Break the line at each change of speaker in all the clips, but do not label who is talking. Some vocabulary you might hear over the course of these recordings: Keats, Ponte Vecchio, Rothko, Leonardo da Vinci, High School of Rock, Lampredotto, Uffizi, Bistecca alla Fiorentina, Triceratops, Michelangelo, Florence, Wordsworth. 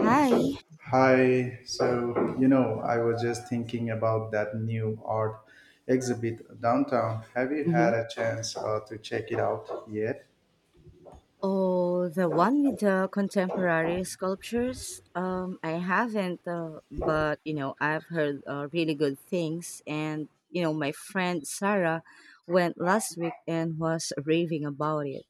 Hi.
Hi, so you know, I was just thinking about that new art exhibit downtown. Have you had
hmm
a chance to check it out yet?
Oh, the one with the contemporary sculptures. I haven't, but you know, I've heard really good things. And you know, my friend Sarah went last week and was raving about it.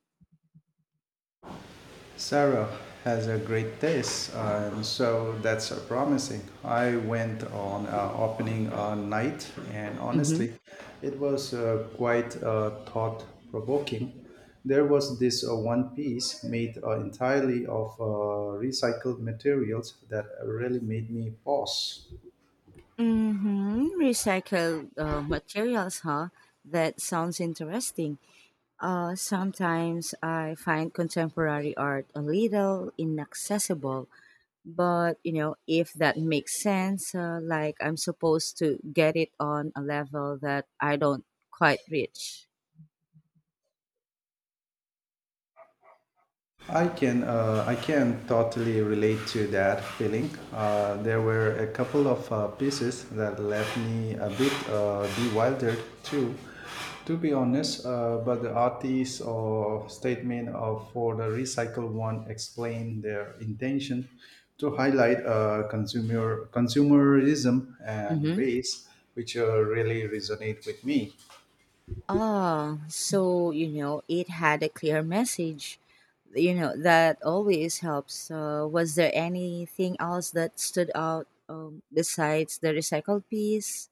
Sarah has a great taste, and so that's promising. I went on opening night, and
Mm-hmm.
honestly, it was quite thought provoking. There was this one piece made entirely of recycled materials that really made me pause.
Mm-hmm. Recycled materials, huh? That sounds interesting. Sometimes I find contemporary art a little inaccessible, but you know, if that makes sense, like I'm supposed to get it on a level that I don't quite reach.
I can totally relate to that feeling. There were a couple of pieces that left me a bit bewildered too, to be honest. But the artist or statement of for the recycled one explained their intention to highlight consumer consumerism and
hmm
waste, which really resonate with me.
Ah, so you know, it had a clear message. You know, that always helps. Was there anything else that stood out besides the recycled piece?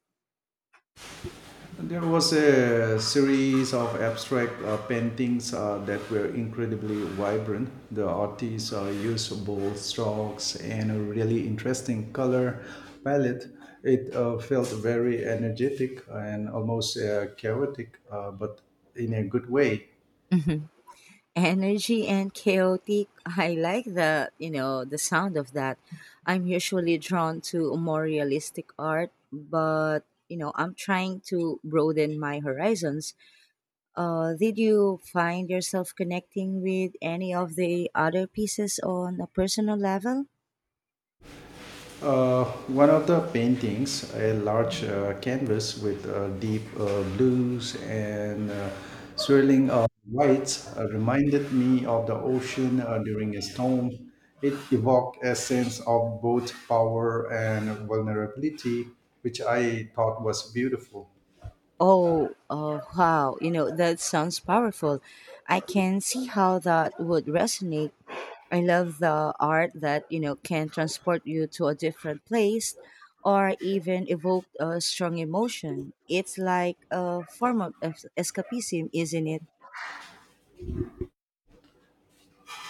There was a series of abstract paintings that were incredibly vibrant. The artists used bold strokes and a really interesting color palette. It felt very energetic and almost chaotic, but in a good way.
Mhm. Energy and chaotic. I like the, you know, the sound of that. I'm usually drawn to more realistic art, but you know, I'm trying to broaden my horizons. Did you find yourself connecting with any of the other pieces on a personal level?
One of the paintings, a large canvas with deep blues and swirling whites, reminded me of the ocean during a storm. It evoked a sense of both power and vulnerability, which I thought was beautiful.
Oh, wow. You know, that sounds powerful. I can see how that would resonate. I love the art that, you know, can transport you to a different place or even evoke a strong emotion. It's like a form of escapism, isn't it?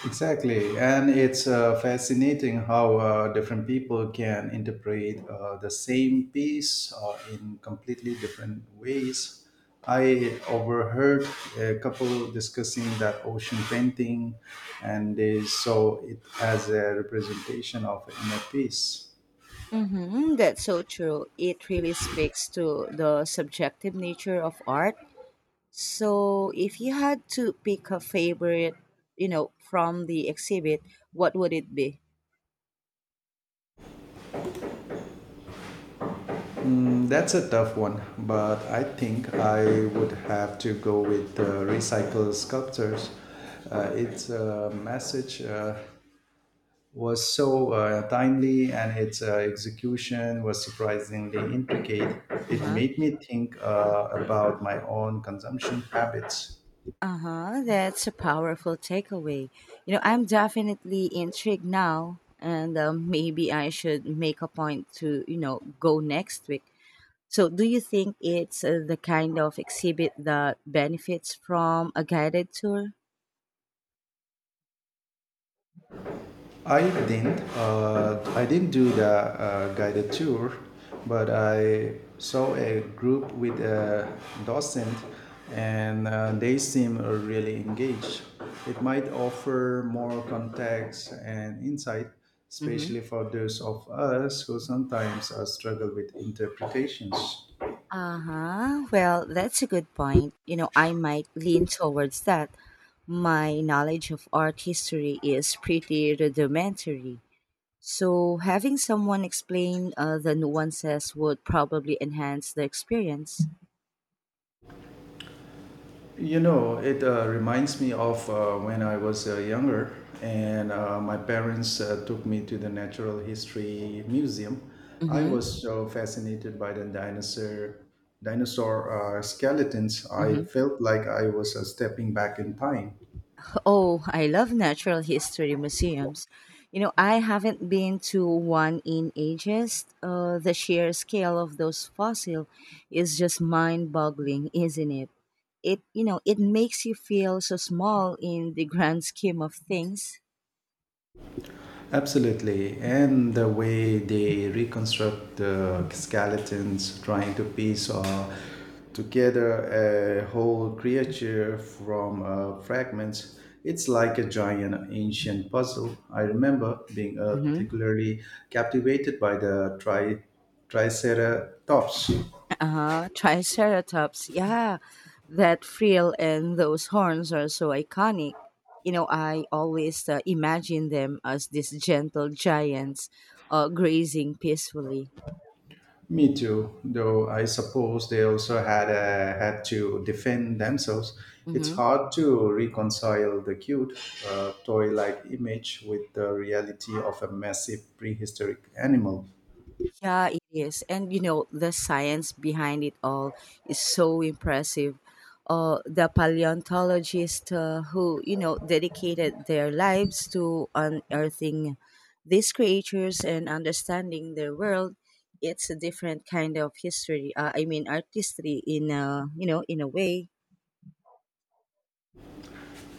Exactly, and it's fascinating how different people can interpret the same piece in completely different ways. I overheard a couple discussing that ocean painting, and they saw it as a representation of inner peace.
Mm-hmm, that's so true. It really speaks to the subjective nature of art. So, if you had to pick a favorite, you know, from the exhibit, what would it be?
Mm, that's a tough one, but I think I would have to go with recycled sculptures. Its a message was so timely and its execution was surprisingly intricate.
Uh
It
huh.
made me think about my own consumption habits.
Uh huh. That's a powerful takeaway. You know, I'm definitely intrigued now, and maybe I should make a point to, you know, go next week. So, do you think it's the kind of exhibit that benefits from a guided tour?
I didn't. I didn't do the guided tour, but I saw a group with a docent, and they seem really engaged. It might offer more context and insight,
Mm-hmm.
especially for those of us who sometimes struggle with interpretations.
Uh-huh. Well, that's a good point. You know, I might lean towards that. My knowledge of art history is pretty rudimentary. So, having someone explain the nuances would probably enhance the experience.
You know, it reminds me of when I was younger, and my parents took me to the Natural History Museum. I
Mm-hmm.
was so fascinated by the dinosaur skeletons. I
Mm-hmm.
felt like I was stepping back in time.
Oh, I love natural history museums. You know, I haven't been to one in ages. The sheer scale of those fossils is just mind-boggling, isn't it? It, you know, it makes you feel so small in the grand scheme of things.
Absolutely, and the way they reconstruct the skeletons, trying to piece together a whole creature from fragments, it's like a giant ancient puzzle. I remember being
hmm
particularly captivated by the Triceratops.
Uh-huh. Triceratops, yeah. That frill and those horns are so iconic. You know, I always imagine them as these gentle giants grazing peacefully.
Me too, though I suppose they also had had to defend themselves. It's
Mm-hmm.
hard to reconcile the cute, toy like image with the reality of a massive prehistoric animal.
Yeah, it is. And you know, the science behind it all is so impressive. The paleontologists who, you know, dedicated their lives to unearthing these creatures and understanding their world, it's a different kind of history. I mean, artistry in a, you know, in a way.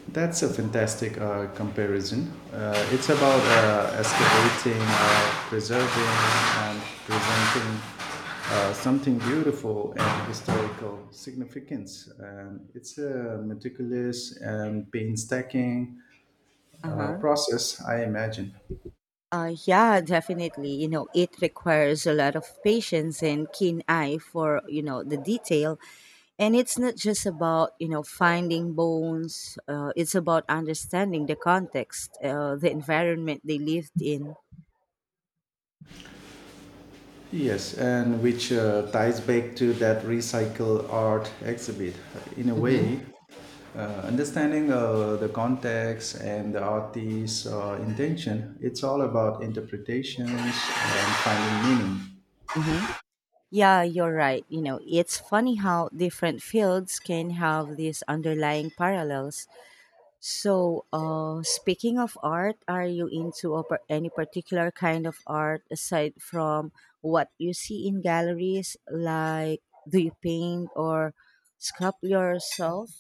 That's a fantastic comparison. It's about excavating, preserving, and presenting something beautiful and historical significance. And it's meticulous and painstaking
Uh huh.
process, I imagine.
Yeah, definitely. You know, it requires a lot of patience and keen eye for, you know, the detail. And it's not just about, you know, finding bones, it's about understanding the context, the environment they lived in.
Yes, and which ties back to that recycle art exhibit. In a
Mm-hmm.
way, understanding the context and the artist's intention, it's all about interpretations and finding meaning.
Mm-hmm. Yeah, you're right. You know, it's funny how different fields can have these underlying parallels. So, speaking of art, are you into a, any particular kind of art aside from what you see in galleries? Like, do you paint or sculpt yourself?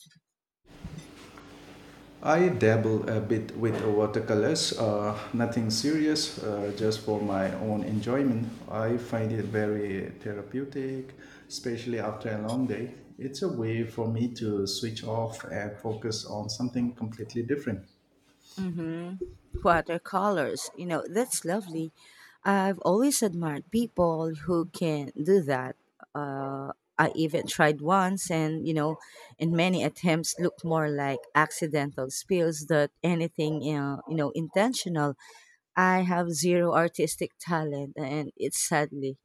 I dabble a bit with watercolors, nothing serious, just for my own enjoyment. I find it very therapeutic, especially after a long day. It's a way for me to switch off and focus on something completely different.
Mm-hmm. Watercolors, you know, that's lovely. I've always admired people who can do that. Uh, I even tried once, and you know, in many attempts, looked more like accidental spills than anything, you know, intentional. I have zero artistic talent and it's sadly.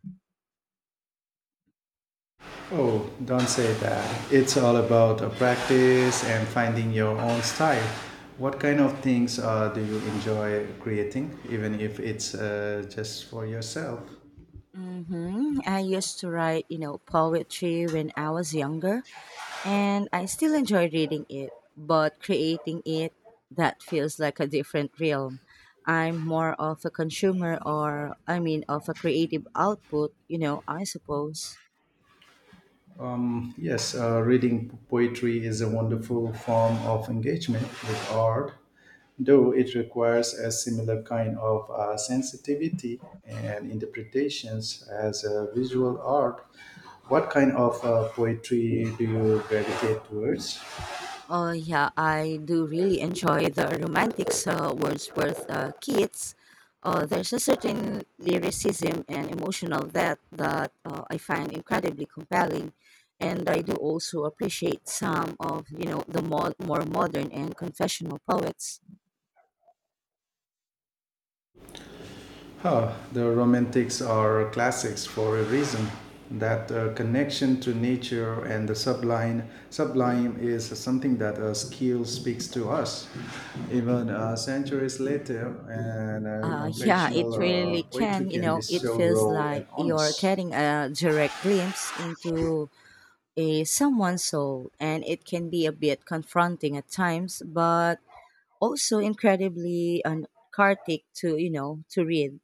Oh, don't say that. It's all about practice and finding your own style. What kind of things do you enjoy creating, even if it's just for yourself?
I used to write, you know, poetry when I was younger and I still enjoy reading it, but creating it, that feels like a different realm. I'm more of a consumer, or I mean, of a creative output, you know, I suppose.
Yes, reading poetry is a wonderful form of engagement with art, though it requires a similar kind of sensitivity and interpretations as visual art. What kind of poetry do you gravitate towards?
Oh yeah, I do really enjoy the romantics, Wordsworth, Keats. There's a certain lyricism and emotional depth that I find incredibly compelling, and I do also appreciate some of, you know, the more modern and confessional poets.
Huh, the romantics are classics for a reason. That connection to nature and the sublime
Mhm.
is something that skill speaks to us. Even centuries later, and
Yeah,
confessional
it really
poetry
can. You
can be
know, it
so
feels
raw and
like you're
honest.
getting a direct glimpse into a someone's soul, and it can be a bit confronting at times, but also incredibly cathartic to, you know, to read.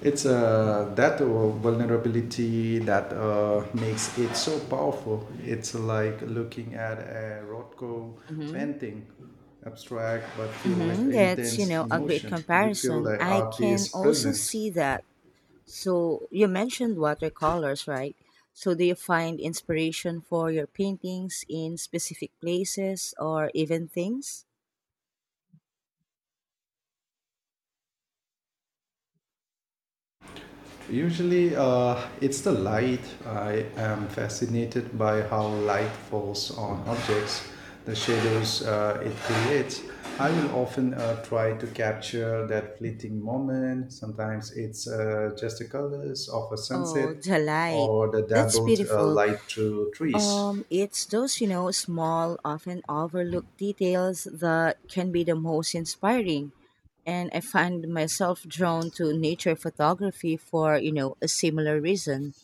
It's that vulnerability that makes it so powerful. It's like looking at a Rothko
Mm-hmm.
painting, abstract but filled with
Mm-hmm. That's, you
intense
know, a great
emotion. You feel
comparison.
the
I can
artist's
also
presence.
see that. So you mentioned watercolors, right? So do you find inspiration for your paintings in specific places or even things?
Usually, it's the light. I am fascinated by how light falls on objects, the shadows it creates. I will often try to capture that fleeting moment. Sometimes it's just the colors of a
Oh,
sunset
delight.
or the
That's
dabbled
beautiful.
light through trees.
It's those, you know, small, often overlooked details that can be the most inspiring. And I find myself drawn to nature photography for, you know, a similar reason.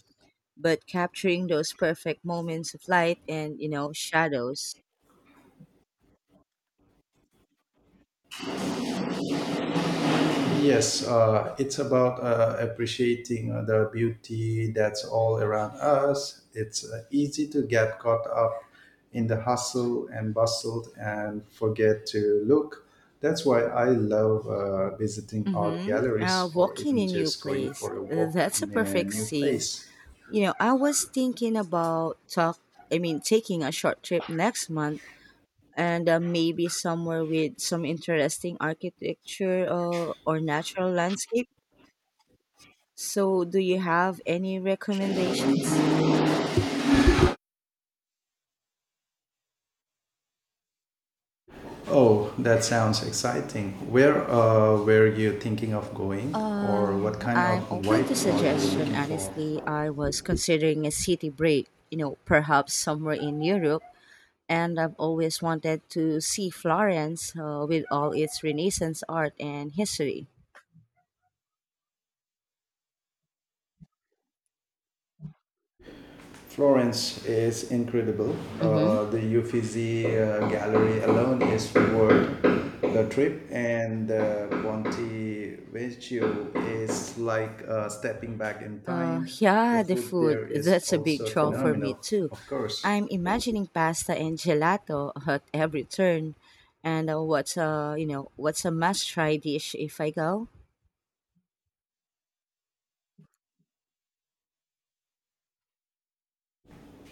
But capturing those perfect moments of light and, you know, shadows.
Yes, it's about appreciating the beauty that's all around us. It's easy to get caught up in the hustle and bustle and forget to look. That's why I love visiting art
Mm-hmm.
galleries or
Walking
even
in new
just going
place.
for a walk
That's a
in a
perfect
new
sig.
place.
You know, I was thinking about taking a short trip next month and maybe somewhere with some interesting architecture or natural landscape. So, do you have any recommendations?
Oh, that sounds exciting. Where were you thinking of going, or what kind of
I'm open
vibe
to
are you
suggestion.
looking for?
Honestly, I was considering a city break, you know, perhaps somewhere in Europe. And I've always wanted to see Florence with all its Renaissance art and history.
Florence is incredible.
Mm-hmm.
The Uffizi gallery alone is worth the trip, and Ponte Vecchio is like stepping back in time. The
Yeah, the
food
food.
there is
That's a big
also
draw for me
phenomenal,
too.
of course.
I'm imagining pasta and gelato at every turn. And what's a, you know, what's a must try dish if I go?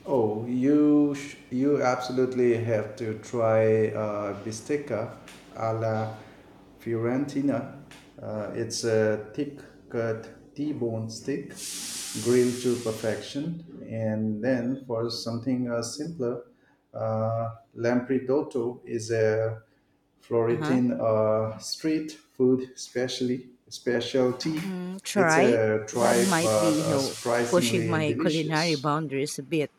Oh, you absolutely have to try bistecca alla Fiorentina. It's a thick cut T-bone steak, grilled to perfection, and then for something simpler, uh, lampredotto is a
Uh huh.
Florentine street food specialty.
Mm,
It's
try
a
that
tried
might
but
be, you know, pushing
surprisingly
my culinary
delicious.
boundaries a bit,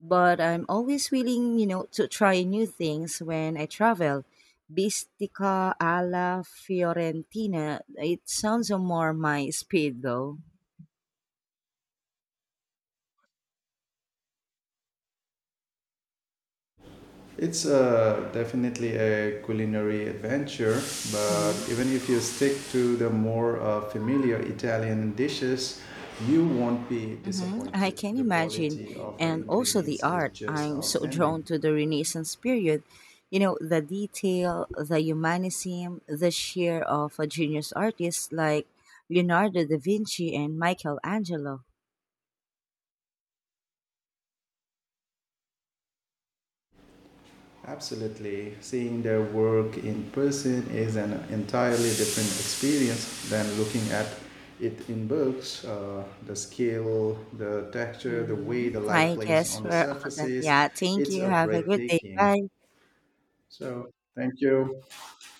but I'm always willing, you know, to try new things when I travel. Bistica alla Fiorentina. It sounds more my speed though.
It's definitely a culinary adventure, but
Mm-hmm.
even if you stick to the more familiar Italian dishes, you won't be
Mm-hmm. I
disappointed.
can
The
imagine.
quality of
And also the
ingredients is
art.
just
I'm so drawn
outstanding.
to the Renaissance period. You know, the detail, the humanism, the sheer of a genius artist like Leonardo da Vinci and Michelangelo.
Absolutely. Seeing their work in person is an entirely different experience than looking at it in books. The scale, the texture, the way
Mm-hmm.
the light
I
plays
guess
on the
we're all done.
surfaces,
Yeah, thank
it's
you.
a
Have a good day.
breathtaking.
Bye.
So thank you.